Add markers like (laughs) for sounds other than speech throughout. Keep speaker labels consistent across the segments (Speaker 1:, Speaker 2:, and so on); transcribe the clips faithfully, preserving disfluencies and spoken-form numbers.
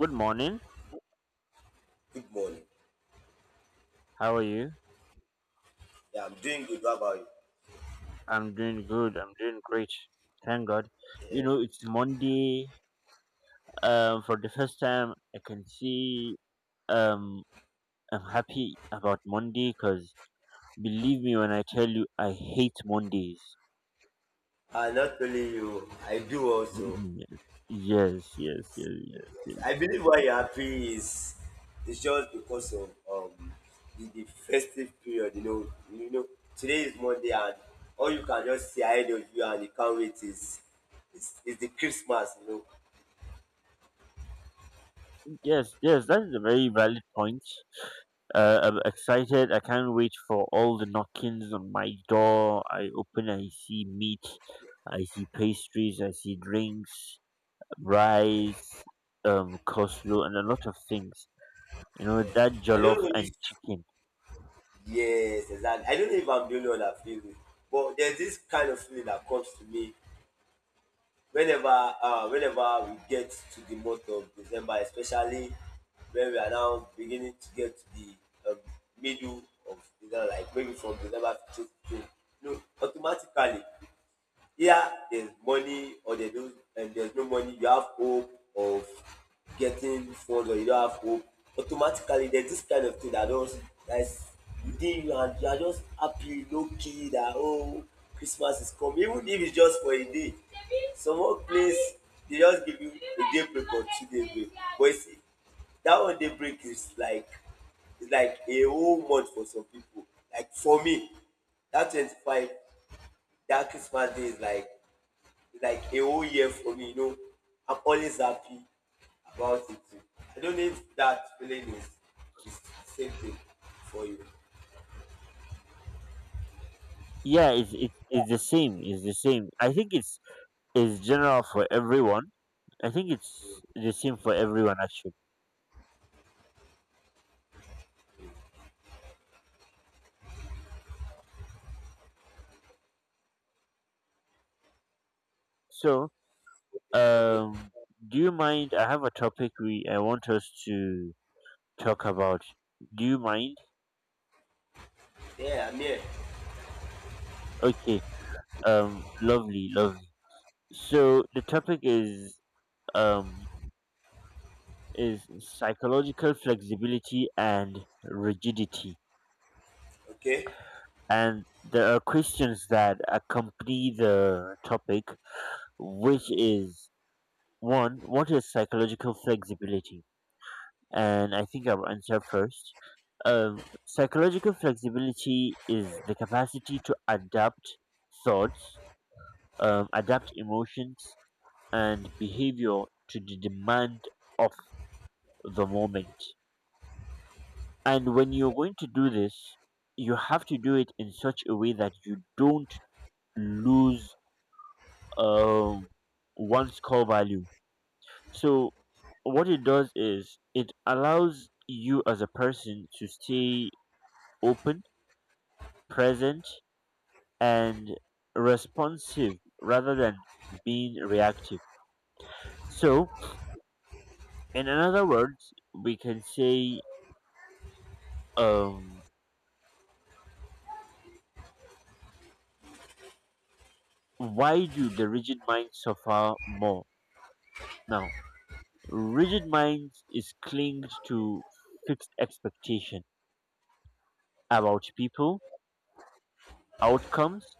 Speaker 1: Good morning.
Speaker 2: Good morning.
Speaker 1: How are you?
Speaker 2: Yeah, I'm doing good. What about you?
Speaker 1: I'm doing good. I'm doing great. Thank God. You know, it's Monday. Um, for the first time, I can see. Um, I'm happy about Monday because believe me when I tell you, I hate Mondays.
Speaker 2: Uh, not only you, I do also.
Speaker 1: (laughs) yes, yes, yes, yes, yes.
Speaker 2: I believe why you're happy is it's just because of um the, the festive period. You know, you know today is Monday, and all you can just see ahead of you and you can't wait is is, is the Christmas. You know,
Speaker 1: Yes, yes, that is a very valid point. Uh, I'm excited. I can't wait for all the knockings on my door. I open, I see meat, I see pastries, I see drinks, rice, um, coleslaw, and a lot of things. You know that
Speaker 2: I
Speaker 1: jollof
Speaker 2: don't know if
Speaker 1: and chicken.
Speaker 2: yes, exactly. I don't know if I'm the only one that feels it, but there's this kind of feeling that comes to me whenever uh, whenever we get to the month of December, especially when we are now beginning to get to the um, middle of December, like maybe from December fifteenth, you know. Automatically, here there's money or there's no, and there's no money, you have hope of getting funds or you don't have hope. Automatically there's this kind of thing that just that's within you, and you are just happy low key that oh, Christmas is coming even if it's just for a day. Some work place, they just give you a day break or two day break, but you see that one day break is like is like a whole month for some people. Like for me, that twenty-five, that Christmas day is like like a whole year for me. You know, I'm always happy about it. Too. I don't need that feeling is is same thing for you.
Speaker 1: Yeah, it's it's, it's the same. It's the same. I think it's it's general for everyone. I think it's the same for everyone actually. So,
Speaker 2: Okay.
Speaker 1: Um, do you mind? I have a topic we I want us to talk about. Do you mind?
Speaker 2: Yeah, I'm here.
Speaker 1: Okay. Um, lovely, lovely. So the topic is um is psychological flexibility and rigidity,
Speaker 2: Okay.
Speaker 1: and there are questions that accompany the topic, which is one, what is psychological flexibility? And I think I will answer first. Um, psychological flexibility is the capacity to adapt thoughts, um, adapt emotions, and behavior to the demand of the moment. And when you're going to do this, you have to do it in such a way that you don't lose um, one's core value. So, what it does is it allows you as a person to stay open, present, and responsive rather than being reactive. So, in another words, we can say, um, why do the rigid mind suffer more? Now, rigid mind is clinged to fixed expectation about people, outcomes,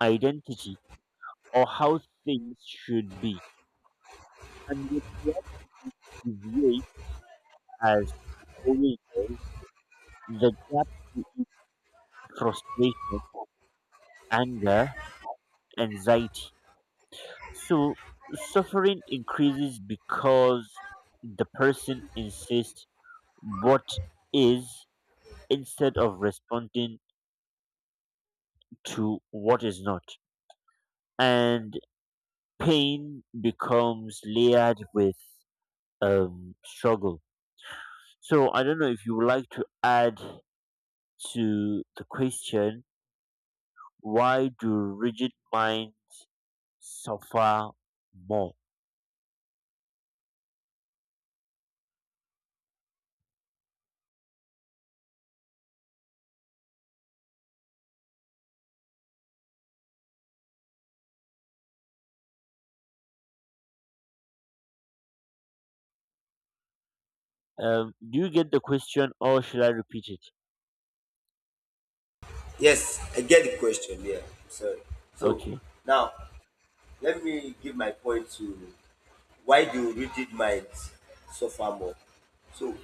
Speaker 1: identity, or how things should be. And with reality deviate as it always does, the gap creates frustration, anger, anxiety. So suffering increases because the person insists what is instead of responding to what is not. And pain becomes layered with um, struggle. So I don't know if you would like to add to the question, why do rigid minds suffer more? Um, do you get the question or should I repeat it?
Speaker 2: Yes, I get the question. Yeah, I'm sorry. So
Speaker 1: Okay.
Speaker 2: now let me give my point to why do rigid minds suffer more. So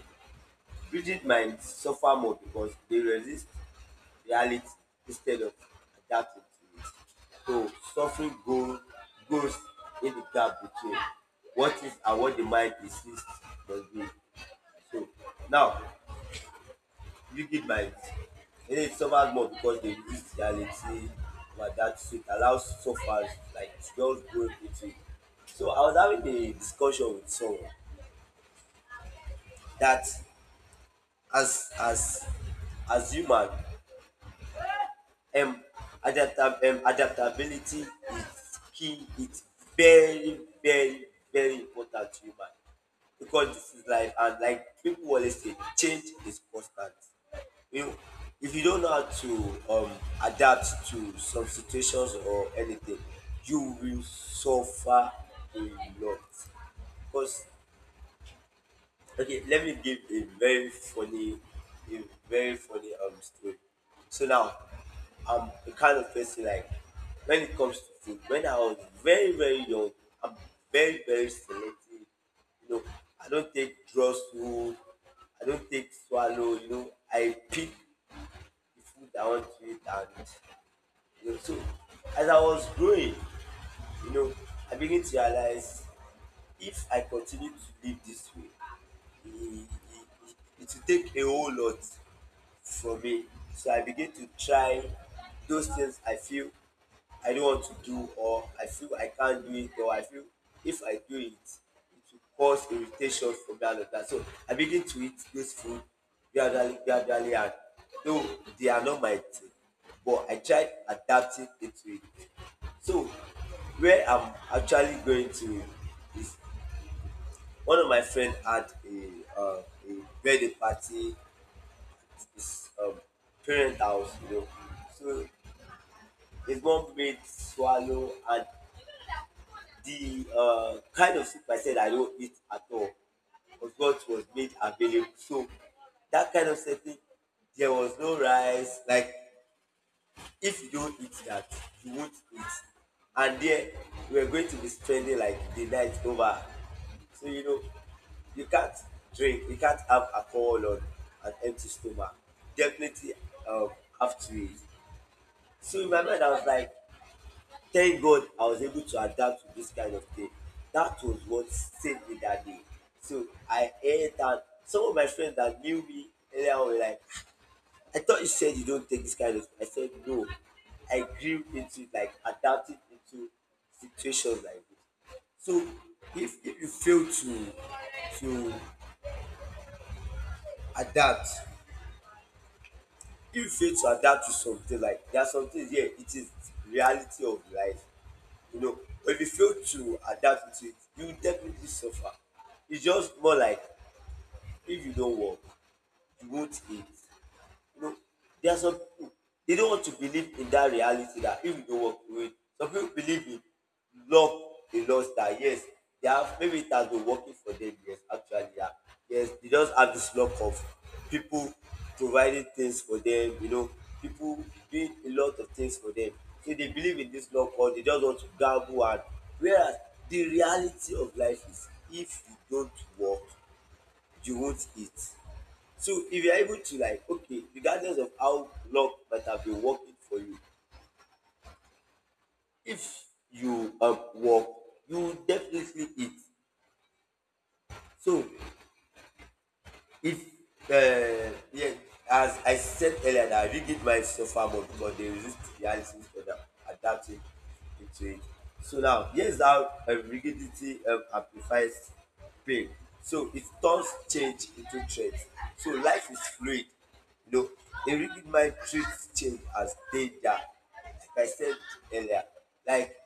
Speaker 2: rigid minds suffer more because they resist reality instead of adapting to it, so suffering go grows in the gap between what is and what the mind insists must be. So now rigid minds, they suffer more because they resist reality and adapt, so it allows sufferers like to just grow into it. So I was having a discussion with someone that as as as human, um adapta um adaptability is key. It's very, very very important to human, because this is life and like people always say change is constant. You know, if you don't know how to um adapt to some situations or anything, you will suffer a lot because, okay, let me give a very funny, a very funny um story. So now, I'm the kind of person like when it comes to food. When I was very, very young, I'm very, very selective. You know, I don't take drugs food. I don't take swallow. You know, I pick the food I want to eat, and you know, so as I was growing. You know, I'm beginning to realize if I continue to live this way, it, it, it will take a whole lot from me. So I begin to try those things I feel I don't want to do, or I feel I can't do it, or I feel if I do it, it will cause irritation for me and all that. So I begin to eat this food gradually, gradually, and though they are not my thing, but I try adapting into it. So where I'm actually going to is one of my friend had a uh, a birthday party, his um, parent house, you know. So his mom made swallow, and the uh, kind of soup I said I don't eat at all was what was made available. So that kind of setting, there was no rice. Like if you don't eat that, you won't eat. And there we were going to be spending like the night over. So you know, you can't drink, you can't have alcohol on an empty stomach. Definitely um, have to eat. So in my mind, I was like, thank God I was able to adapt to this kind of thing. That was what saved me that day. So I heard that some of my friends that knew me earlier on were like, I thought you said you don't take this kind of. I said no. I grew into it, like adapted into situations like this. So if, if you fail to to adapt, if you fail to adapt to something, like there are some things, yeah, it is reality of life. You know, if you fail to adapt to it, you will definitely suffer. It's just more like if you don't work, you won't eat. You know, there are some people, they don't want to believe in that reality that if you don't walk away, some people believe in luck. They lost that yes, they have, maybe it has been working for them, yes actually, yeah. Yes, they just have this luck of people providing things for them, you know, people doing a lot of things for them. So they believe in this luck, or they just want to gamble, and whereas the reality of life is if you don't work, you won't eat. So if you're able to like, okay, regardless of how luck might have been working for you, if you um, work, you will definitely eat. So if uh, yeah, as I said earlier, that I really did might suffer, but, but they resist reality instead of adapting into it. So now, here's how um, rigidity um, amplifies pain. So it turns change into threat. So life is fluid. You know, a rigid mind treats change as danger. Like I said earlier, like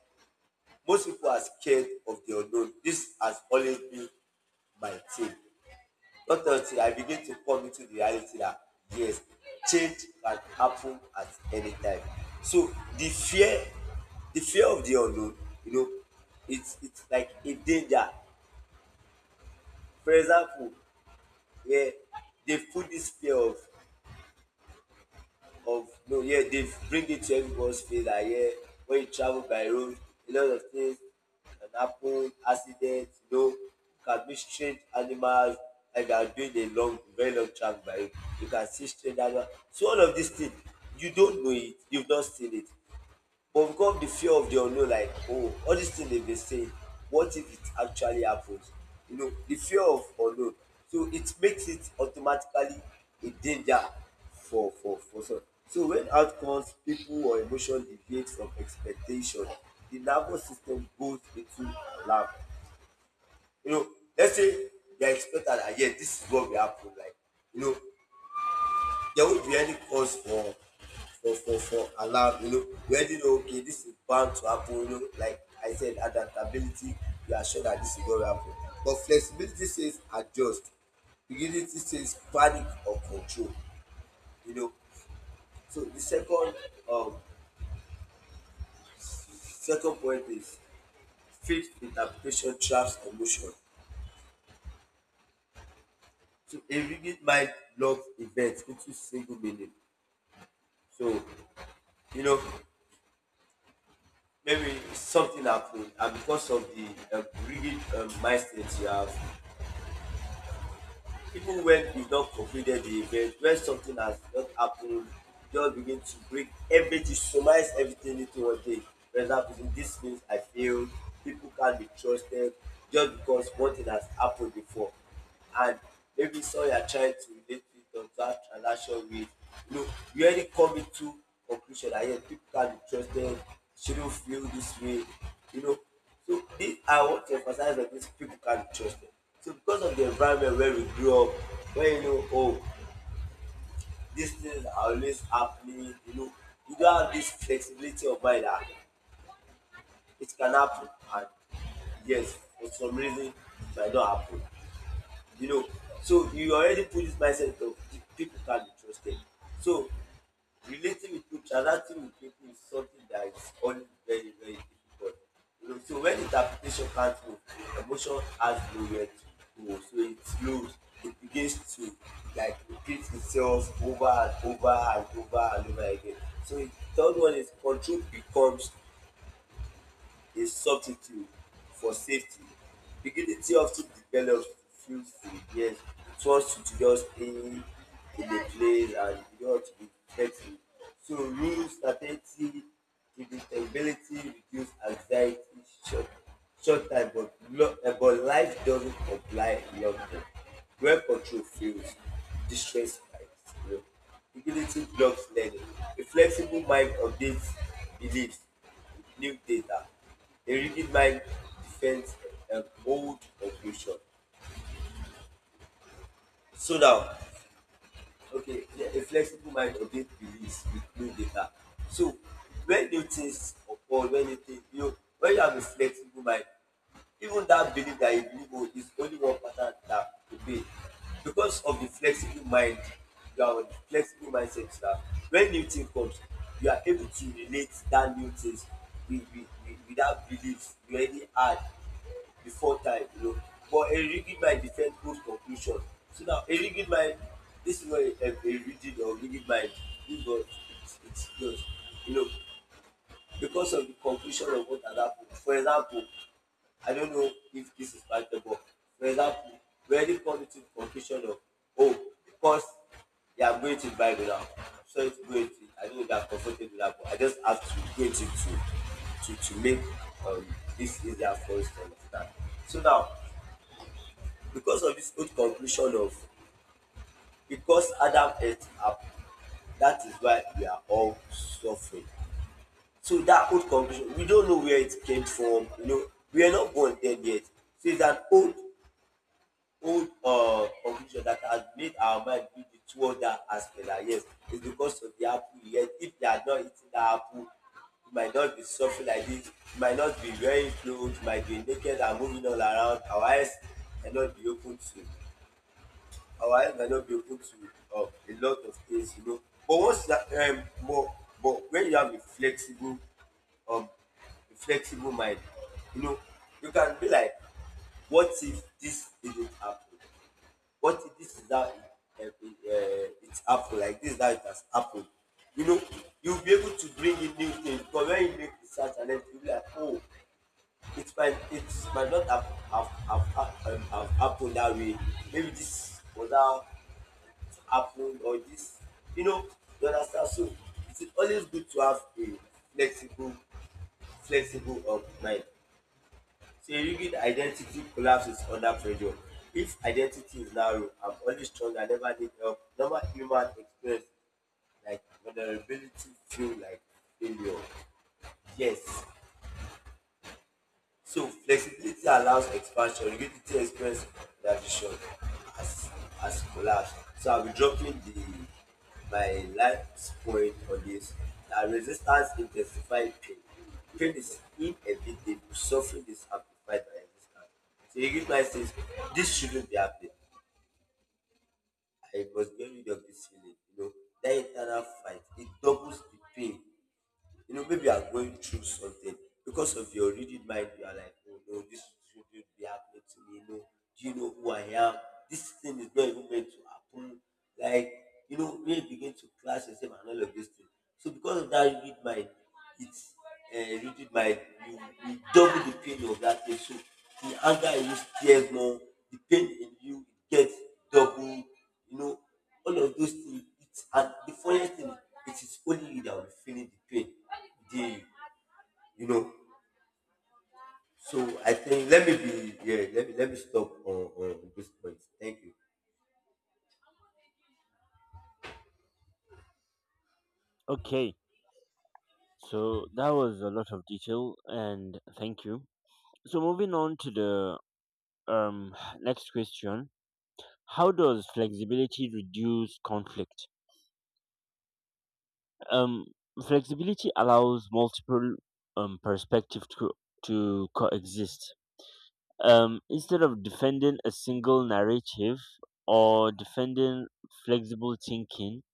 Speaker 2: most people are scared of the unknown. This has always been my thing. Not until I begin to come into the reality that yes, change can happen at any time. So the fear, the fear of the unknown, you know, it's it's like a danger. For example, yeah, they put this fear of of no, yeah, they bring it to everybody's face that yeah, when you travel by road, a lot of things can happen, accidents. You know, you can meet strange animals, like you are doing a long very long travel by road, you can see strange animals. So all of these things, you don't know it, you've not seen it. Overcome the fear of the unknown like oh, all dis thing dem dey say, what if it actually happens? You know, the fear of unknown. So it makes it automatically a danger for for for some. So when outcomes, people or emotion deviate from expectation, the nervous system goes into alarm. You know, let's say you are expected dat yes dis is what will happen, like, you know, there won't be any cause for for for for alarm. You know, we already know, okay, this is bound to happen. You know, like I said, adaptability, we are sure that this is going to happen, but flexibility says adjust, rigidity says panic or control, you know. So the second um second point is fixed interpretation traps emotion. So a rigid mind blocks events into single meaning. So, you know, maybe something happened, and because of the um, rigid um, mindset you have, even when you don completed the event, when something has not happened, just begin to break everything, surmise everything into one thing. For example, say this means I failed, people can't be trusted, just because one thing has happened before. And maybe some you are trying to relate fit observe transaction with, you know, we already coming to conclusion that yes people can be trusted, shouldn't feel this way, you know. So this I want to emphasize that these people can be trusted. So because of the environment where we grew up, where you know, oh, these things are always happening, you know, you don't have this flexibility of mind that it can happen, and yes for some reason it might not happen, you know. So you already put this mindset of people can be trusted. So relating with people, transacting with people is something that is only very, very difficult. You know, so when interpretation can't move, emotion has nowhere to go. So it slows, it begins to like repeat itself over and over and over and over again. So the third one is control becomes a substitute for safety. Dignity of ten develops fulfiled yes trust to just stay in the place and you want to be flexible. So rules certainty predictability reduce anxiety short short time but lo um but life doesn't comply long term. When control fails, distress spikes. Utility blocks learning. A flexible mind updates beliefs with new data. A rigid mind defends an old conclusion. So now, okay, yeah, a flexible mind update beliefs with new data. So when new things occur, when you think, you know, when you have a flexible mind, even that belief that you believe oh, is only one pattern that obey. Because of the flexible mind, you are on the flexible mindset that when new thing comes, you are able to relate that new things with, with, with, with that belief you already had before time you know But a rigid mind dey set good conclusion. So now a rigid mind, this is what a, a, a rigid or rigid mind give us. It's it's just, you know because of the conclusion of what had happened. For example, I don't know if this is factor, but for example, we already come to the conclusion of, oh, because they are going to the Bible now. Sorry to go into it, I don't know if they are comfortable with that, but I just have to go into it to to to make um, this easier for us to understand. So now, because of this old conclusion of, because Adam ate apple, that is why we are all suffering. So that old conclusion, we don't know where it came from. You know, we are not born dead yet. So it's an old, old uh, conclusion that has made our mind be the toward that aspect. That yes, it's because of the apple. Yet, if they are not eating that apple, you might not be suffering like this. You might not be wearing clothes. You might be naked and moving all around. Our eyes cannot be open to. Our eye might not be open to um a lot of things, you know. But once that um but but when you have a flexible, um a flexible mind, you know, you can be like, what if this didn't happen? What if this is how it, uh, it, uh, it happened? Like this is how it has happened. You know, you'll be able to bring in new things. Because when you make research and then you'll be like, oh, it might it might not have have, have, have, um, have happened that way. Maybe this was how happened or this, you know, you understand. So it is always good to have a flexible flexible of mind. So a rigid identity collapses under pressure. If identity is narrow, I'm always strong, I never need help, normal human experience like vulnerability feel like failure. Yes. So flexibility allows expansion, rigidity expresses reaction as as collapse. So I'll be dropping the my last point on this. That resistance intensifies pain. Pain is inevitable. Suffering is amplified by resistance. So you give my says this shouldn't be happening. I must get rid of this feeling. You know, that internal fight, it doubles the pain. You know, maybe you are going through something, because of your rigid mind. You are like, oh no, this shouldn't be happening to me. No, do you know who I am? This thing is not even meant to happen. Like, you know, when you begin to clash yourself and all of these things. So because of that rigid mind, it's uh, rigid mind. You, you double the pain of that thing. So the anger in you stares more. The pain in you it gets double. You know, all of those things it's and the funniest thing, it is only you that will be feeling the pain. The, you you know. So I think let me be. Yeah, let me let me stop on on this point. Thank you.
Speaker 1: Okay, so that was a lot of detail, and thank you. So moving on to the um (sighs) next question, how does flexibility reduce conflict? Um, Flexibility allows multiple um perspectives to to coexist. Um, instead of defending a single narrative or defending flexible thinking,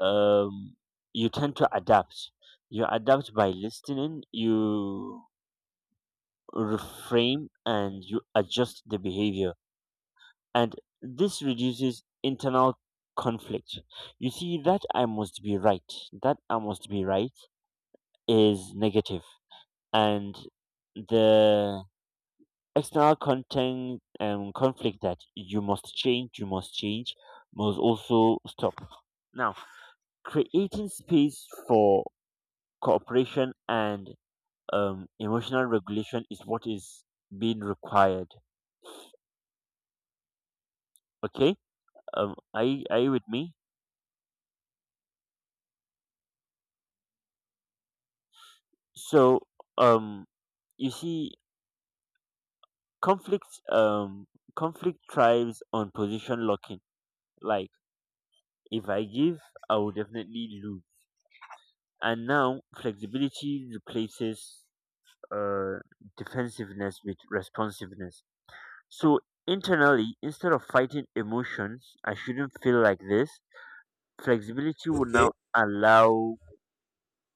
Speaker 1: um, you tend to adapt. You adapt by listening. You reframe and you adjust the behavior. And this reduces internal conflict. You see, that I must be right, that I must be right is negative, and the external content um, conflict that you must change, you must change, must also stop. Now, creating space for cooperation and um, emotional regulation is what is being required. Okay. Um, are you, are you with me? So, um, you see, conflict um conflict thrives on position locking. Like if I give, I will definitely lose. And now flexibility replaces uh defensiveness with responsiveness. So internally, instead of fighting emotions, I shouldn't feel like this. Flexibility will
Speaker 2: Okay.
Speaker 1: now allow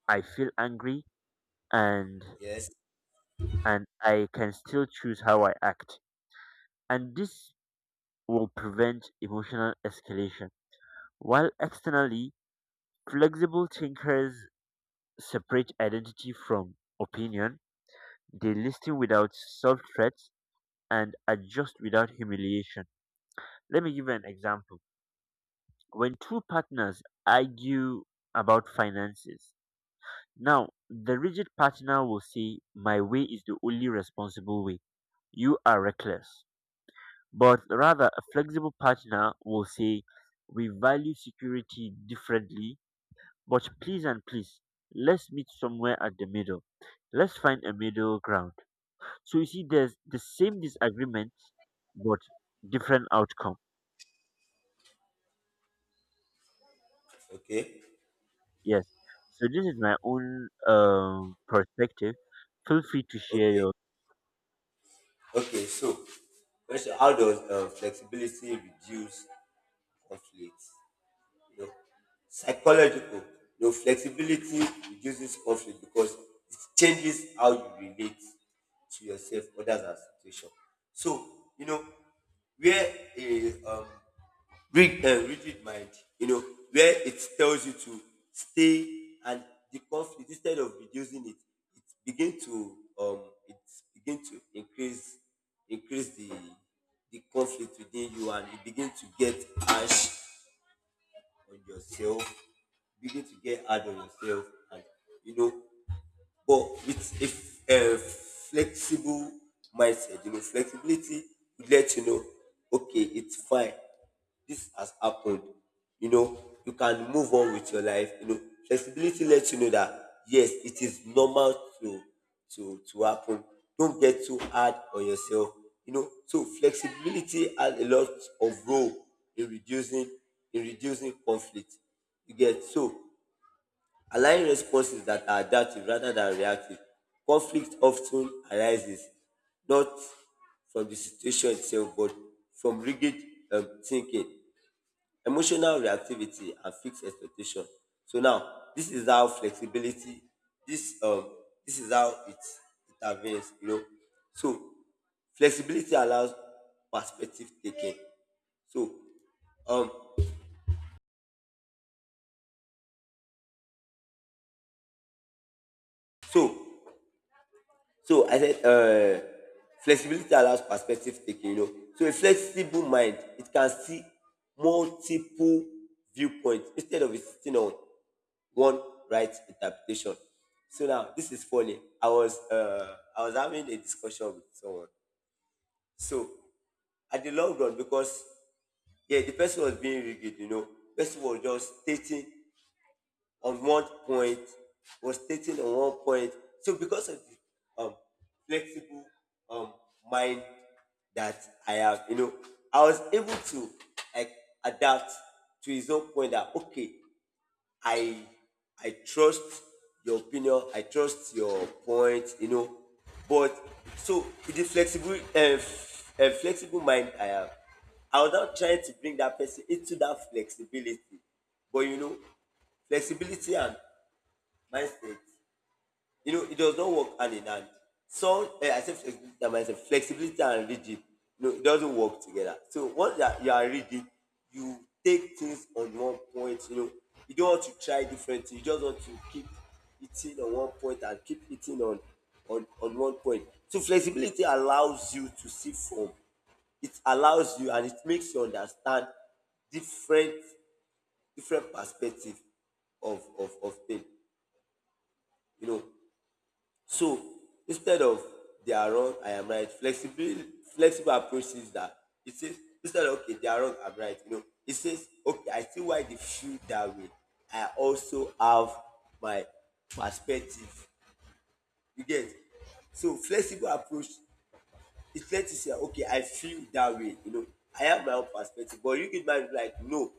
Speaker 1: I feel angry and
Speaker 2: Yes.
Speaker 1: and I can still choose how I act, and this will prevent emotional escalation. While externally, flexible thinkers separate identity from opinion, they listen without self threats, and adjust without humiliation. Let me give you an example. When two partners argue about finances, now the rigid partner will say, "My way is the only responsible way. You are reckless." But rather, a flexible partner will say, "We value security differently, but please and please, let's meet somewhere at the middle. Let's find a middle ground." So you see, there's the same disagreement, but different outcome.
Speaker 2: Okay.
Speaker 1: Yes. So this is my own um, perspective. Feel free to share
Speaker 2: Okay.
Speaker 1: your.
Speaker 2: Okay, so question, how does um, flexibility reduce conflict, you know, psychological. You know, flexibility reduces conflict because it changes how you relate to yourself, others, and situation. So, you know, where a um, rig- uh, rigid mind, you know, where it tells you to stay and the conflict instead of reducing it, it begin to um, it begin to increase increase the the conflict within you and you begin to get harsh on yourself, begin to get hard on yourself, and you know. But with a, f- a flexible mindset, you know, flexibility would let you know, okay, it's fine. This has happened. You know, you can move on with your life. You know, flexibility lets you know that yes, it is normal to to to happen. Don't get too hard on yourself. You know, so flexibility has a lot of role in reducing, in reducing conflict. You get. So allowing responses that are adaptive rather than reactive, conflict often arises not from the situation itself but from rigid um, thinking, emotional reactivity, and fixed expectation. So now, this is how flexibility, this um, this is how it intervenes. You know, so flexibility allows perspective taking. So um, so So I said, uh, flexibility allows perspective taking, you know. So a flexible mind, it can see multiple viewpoints instead of it sitting on one right interpretation. So now this is funny. I was uh, I was having a discussion with someone. So at the long run, because yeah, the person was being rigid, you know, person was just stating on one point, was stating on one point. So because of the um, flexible um, mind that I have, you know, I was able to like adapt to his own point that okay, I I trust your opinion. I trust your point. You know, but so with the flexible um, um, flexible mind I have, I was not trying to bring that person into that flexibility. But you know, flexibility and mindset, you know, it does not work hand in hand. So eh, I say flexibility and mindset, flexibility and rigid. No, it doesn't work together. So once you are, you are rigid, you take things on one point. You know, you don't want to try different things. You just want to keep eating on one point and keep eating on on on one point. So flexibility allows you to see from. It allows you and it makes you understand different, different perspective of of of thing, you know. So instead of they are wrong, I am right, flexibility flexible approach says that, it says instead of okay, they are wrong, I'm right. You know, it says, okay, I see why they feel that way. I also have my perspective. You get. So flexible approach, it's fair to say okay, I feel that way, you know, I have my own perspective. But rigid mind be like, no,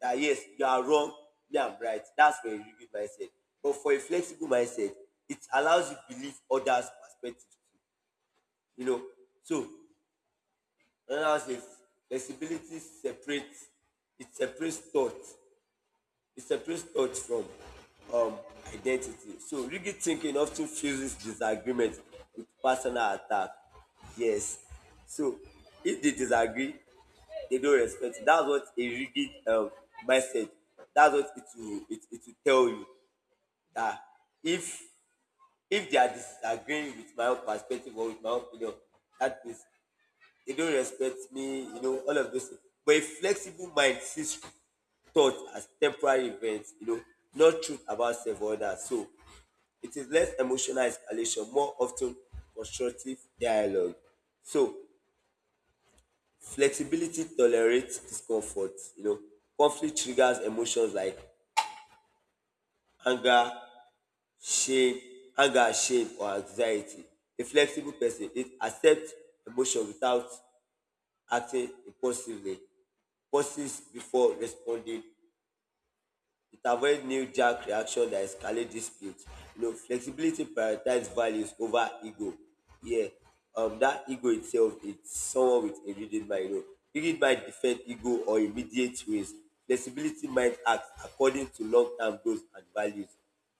Speaker 2: that yes, you are wrong, me I'm right. That's for a rigid mindset. But for a flexible mindset, it allows you to believe others perspectives too, you know. So another one say flexibility separates, it separates thought it separates thought from um, identity. So rigid thinking often fuses disagreement with personal attack. Yes. So if they disagree, they don't respect you. That's what a rigid um, mindset, that's what it will it, it will tell you that, if if they are disagreeing with my own perspective or with my own opinion, that is they don't respect me, you know, all of those things. But a flexible mind sees thought as temporary events, you know, not truth about self or that. So it is less emotional escalation, more often constructive dialogue. So flexibility tolerates discomfort, you know. Conflict triggers emotions like anger, shame, anger, shame, or anxiety. A flexible person it accepts emotion without acting impulsively, pauses before responding. It avoids knee-jerk reaction that escalate dispute. You know, flexibility prioritizes values over ego. Yeah, um, that ego itself, it's someone with a rigid mind. You know, rigid mind defend ego or immediate ways. Flexibility mind acts according to long-term goals and values.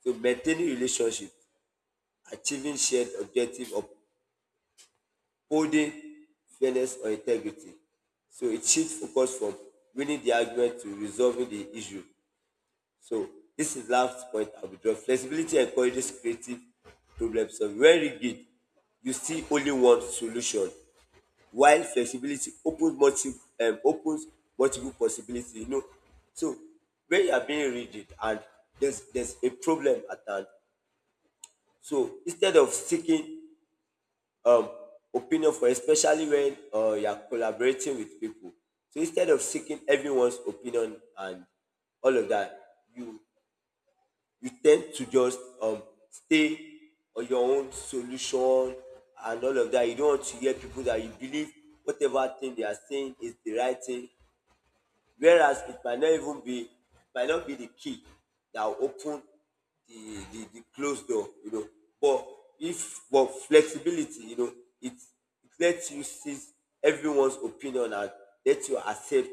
Speaker 2: So maintaining relationships, achieving shared objective, upholding fairness or integrity. So it shifts focus from winning the argument to resolving the issue. So this is last point I will draw. Flexibility encourages creative problem solving. When rigid, you see only one solution, while flexibility opens multiple, um opens multiple possibilities. You know, so when you are being rigid and there's there's a problem at hand, so instead of seeking um opinion for especially when uh, you are collaborating with people, so instead of seeking everyone's opinion and all of that, you you tend to just um, stay on your own solution and all of that. You don't want to hear people that you believe whatever thing they are saying is the right thing, whereas it might not even be, it might not be the key that will open the the, the closed door, you know. But if but flexibility, you know, it it lets you see everyone's opinion and lets you accept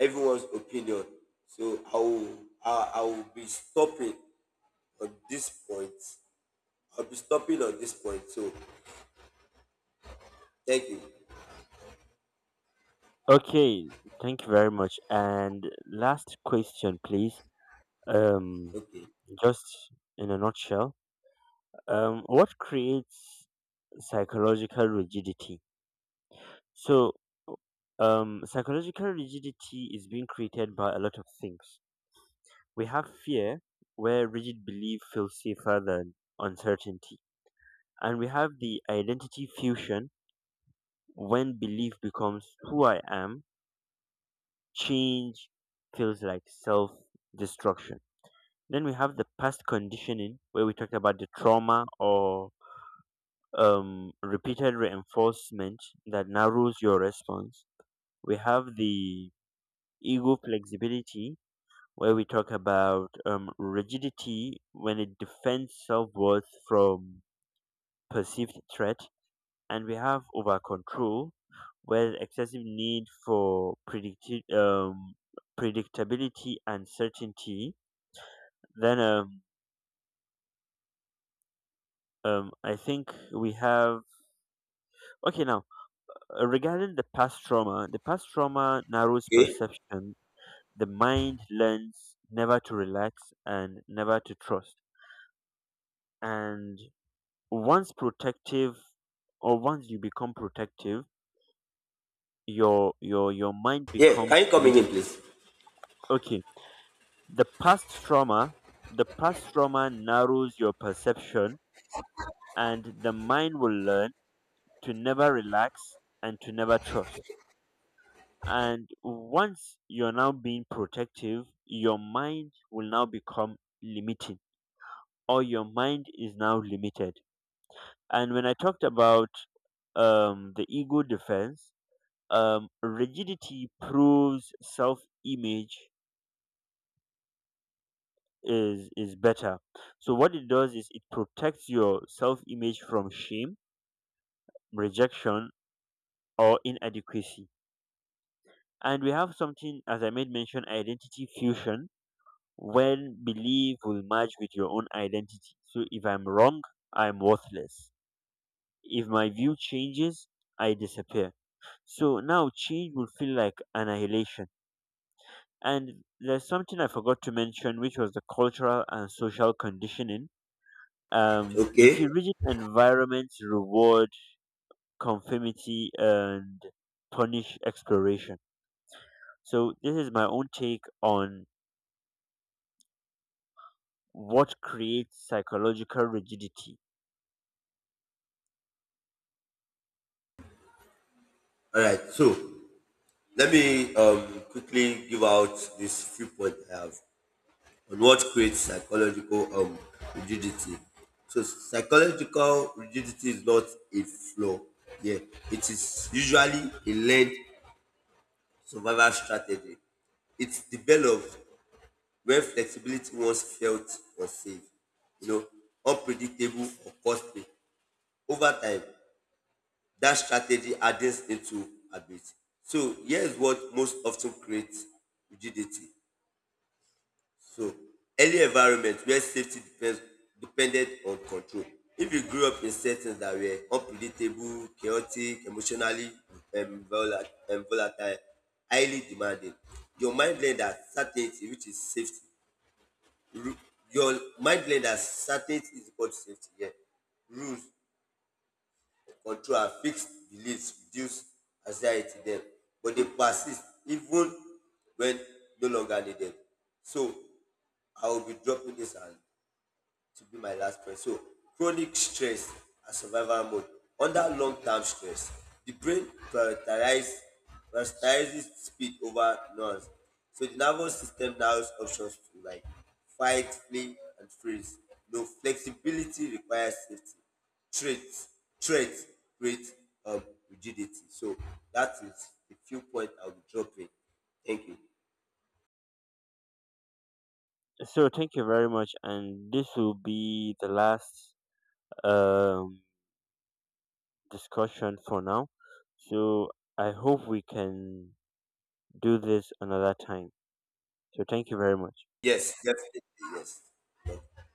Speaker 2: everyone's opinion. So I will, I, I will be stopping on this point. I'll be stopping on this point. So thank you.
Speaker 1: Okay, thank you very much. And last question, please. Um, just in a nutshell. Um, what creates psychological rigidity? So, um, psychological rigidity is being created by a lot of things. We have fear, where rigid belief feels safer than uncertainty. And we have the identity fusion, when belief becomes who I am, change feels like self destruction. Then we have the past conditioning, where we talked about the trauma or um, repeated reinforcement that narrows your response. We have the ego flexibility, where we talk about um, rigidity when it defends self worth from perceived threat. And we have over control, where excessive need for predicti- um, predictability and certainty. Then um, um, I think we have, okay, now uh, regarding the past trauma, the past trauma narrows
Speaker 2: Okay.
Speaker 1: perception, the mind learns never to relax and never to trust. And once protective or once you become protective, your your your mind
Speaker 2: Yeah, can
Speaker 1: becomes
Speaker 2: you come again,
Speaker 1: limiting.
Speaker 2: please?
Speaker 1: Okay. The past trauma the past trauma narrows your perception and the mind will learn to never relax and to never trust. And once you're now being protective, your mind will now become limiting or your mind is now limited. And when I talked about um, the ego defense, um, rigidity proves self-image is is better. So what it does is it protects your self-image from shame, rejection, or inadequacy. And we have something, as I made mention, identity fusion, when belief will merge with your own identity. So if I'm wrong, I'm worthless. If my view changes, I disappear. So now change will feel like annihilation. And there's something I forgot to mention, which was the cultural and social conditioning. Um, you see,
Speaker 2: Okay.
Speaker 1: rigid environments reward conformity and punish exploration. So, this is my own take on what creates psychological rigidity.
Speaker 2: All right. So let me um quickly give out this few points I have on what creates psychological um rigidity. So psychological rigidity is not a flaw. Yeah, it is usually a learned survival strategy. It's developed where flexibility once felt unsafe, you know, unpredictable or costly. Over time, that strategy hardens into habit. So here's what most often creates rigidity. So early environment where safety depends depended on control. If you grew up in settings that were unpredictable, chaotic, emotionally um, vola- um, volatile, highly demanding, your mind learned that certainty, which is safety, Ru- your mind blenders, certainty is equal to safety. Yeah. Rules, control, and fixed beliefs reduce anxiety then, but they persist even when no longer needed. So I will be dropping this and to be my last point. So chronic stress and survival mode. Under long term stress, the brain prioritizes, prioritizes speed over noise. So the nervous system now has options to like fight, flee, and freeze. No flexibility requires safety. Threat, threat creates um, rigidity. So that is the few points I will drop in. Thank you.
Speaker 1: So, thank you very much, and this will be the last um, discussion for now. So, I hope we can do this another time. So, thank you very much.
Speaker 2: Yes, definitely. Yes.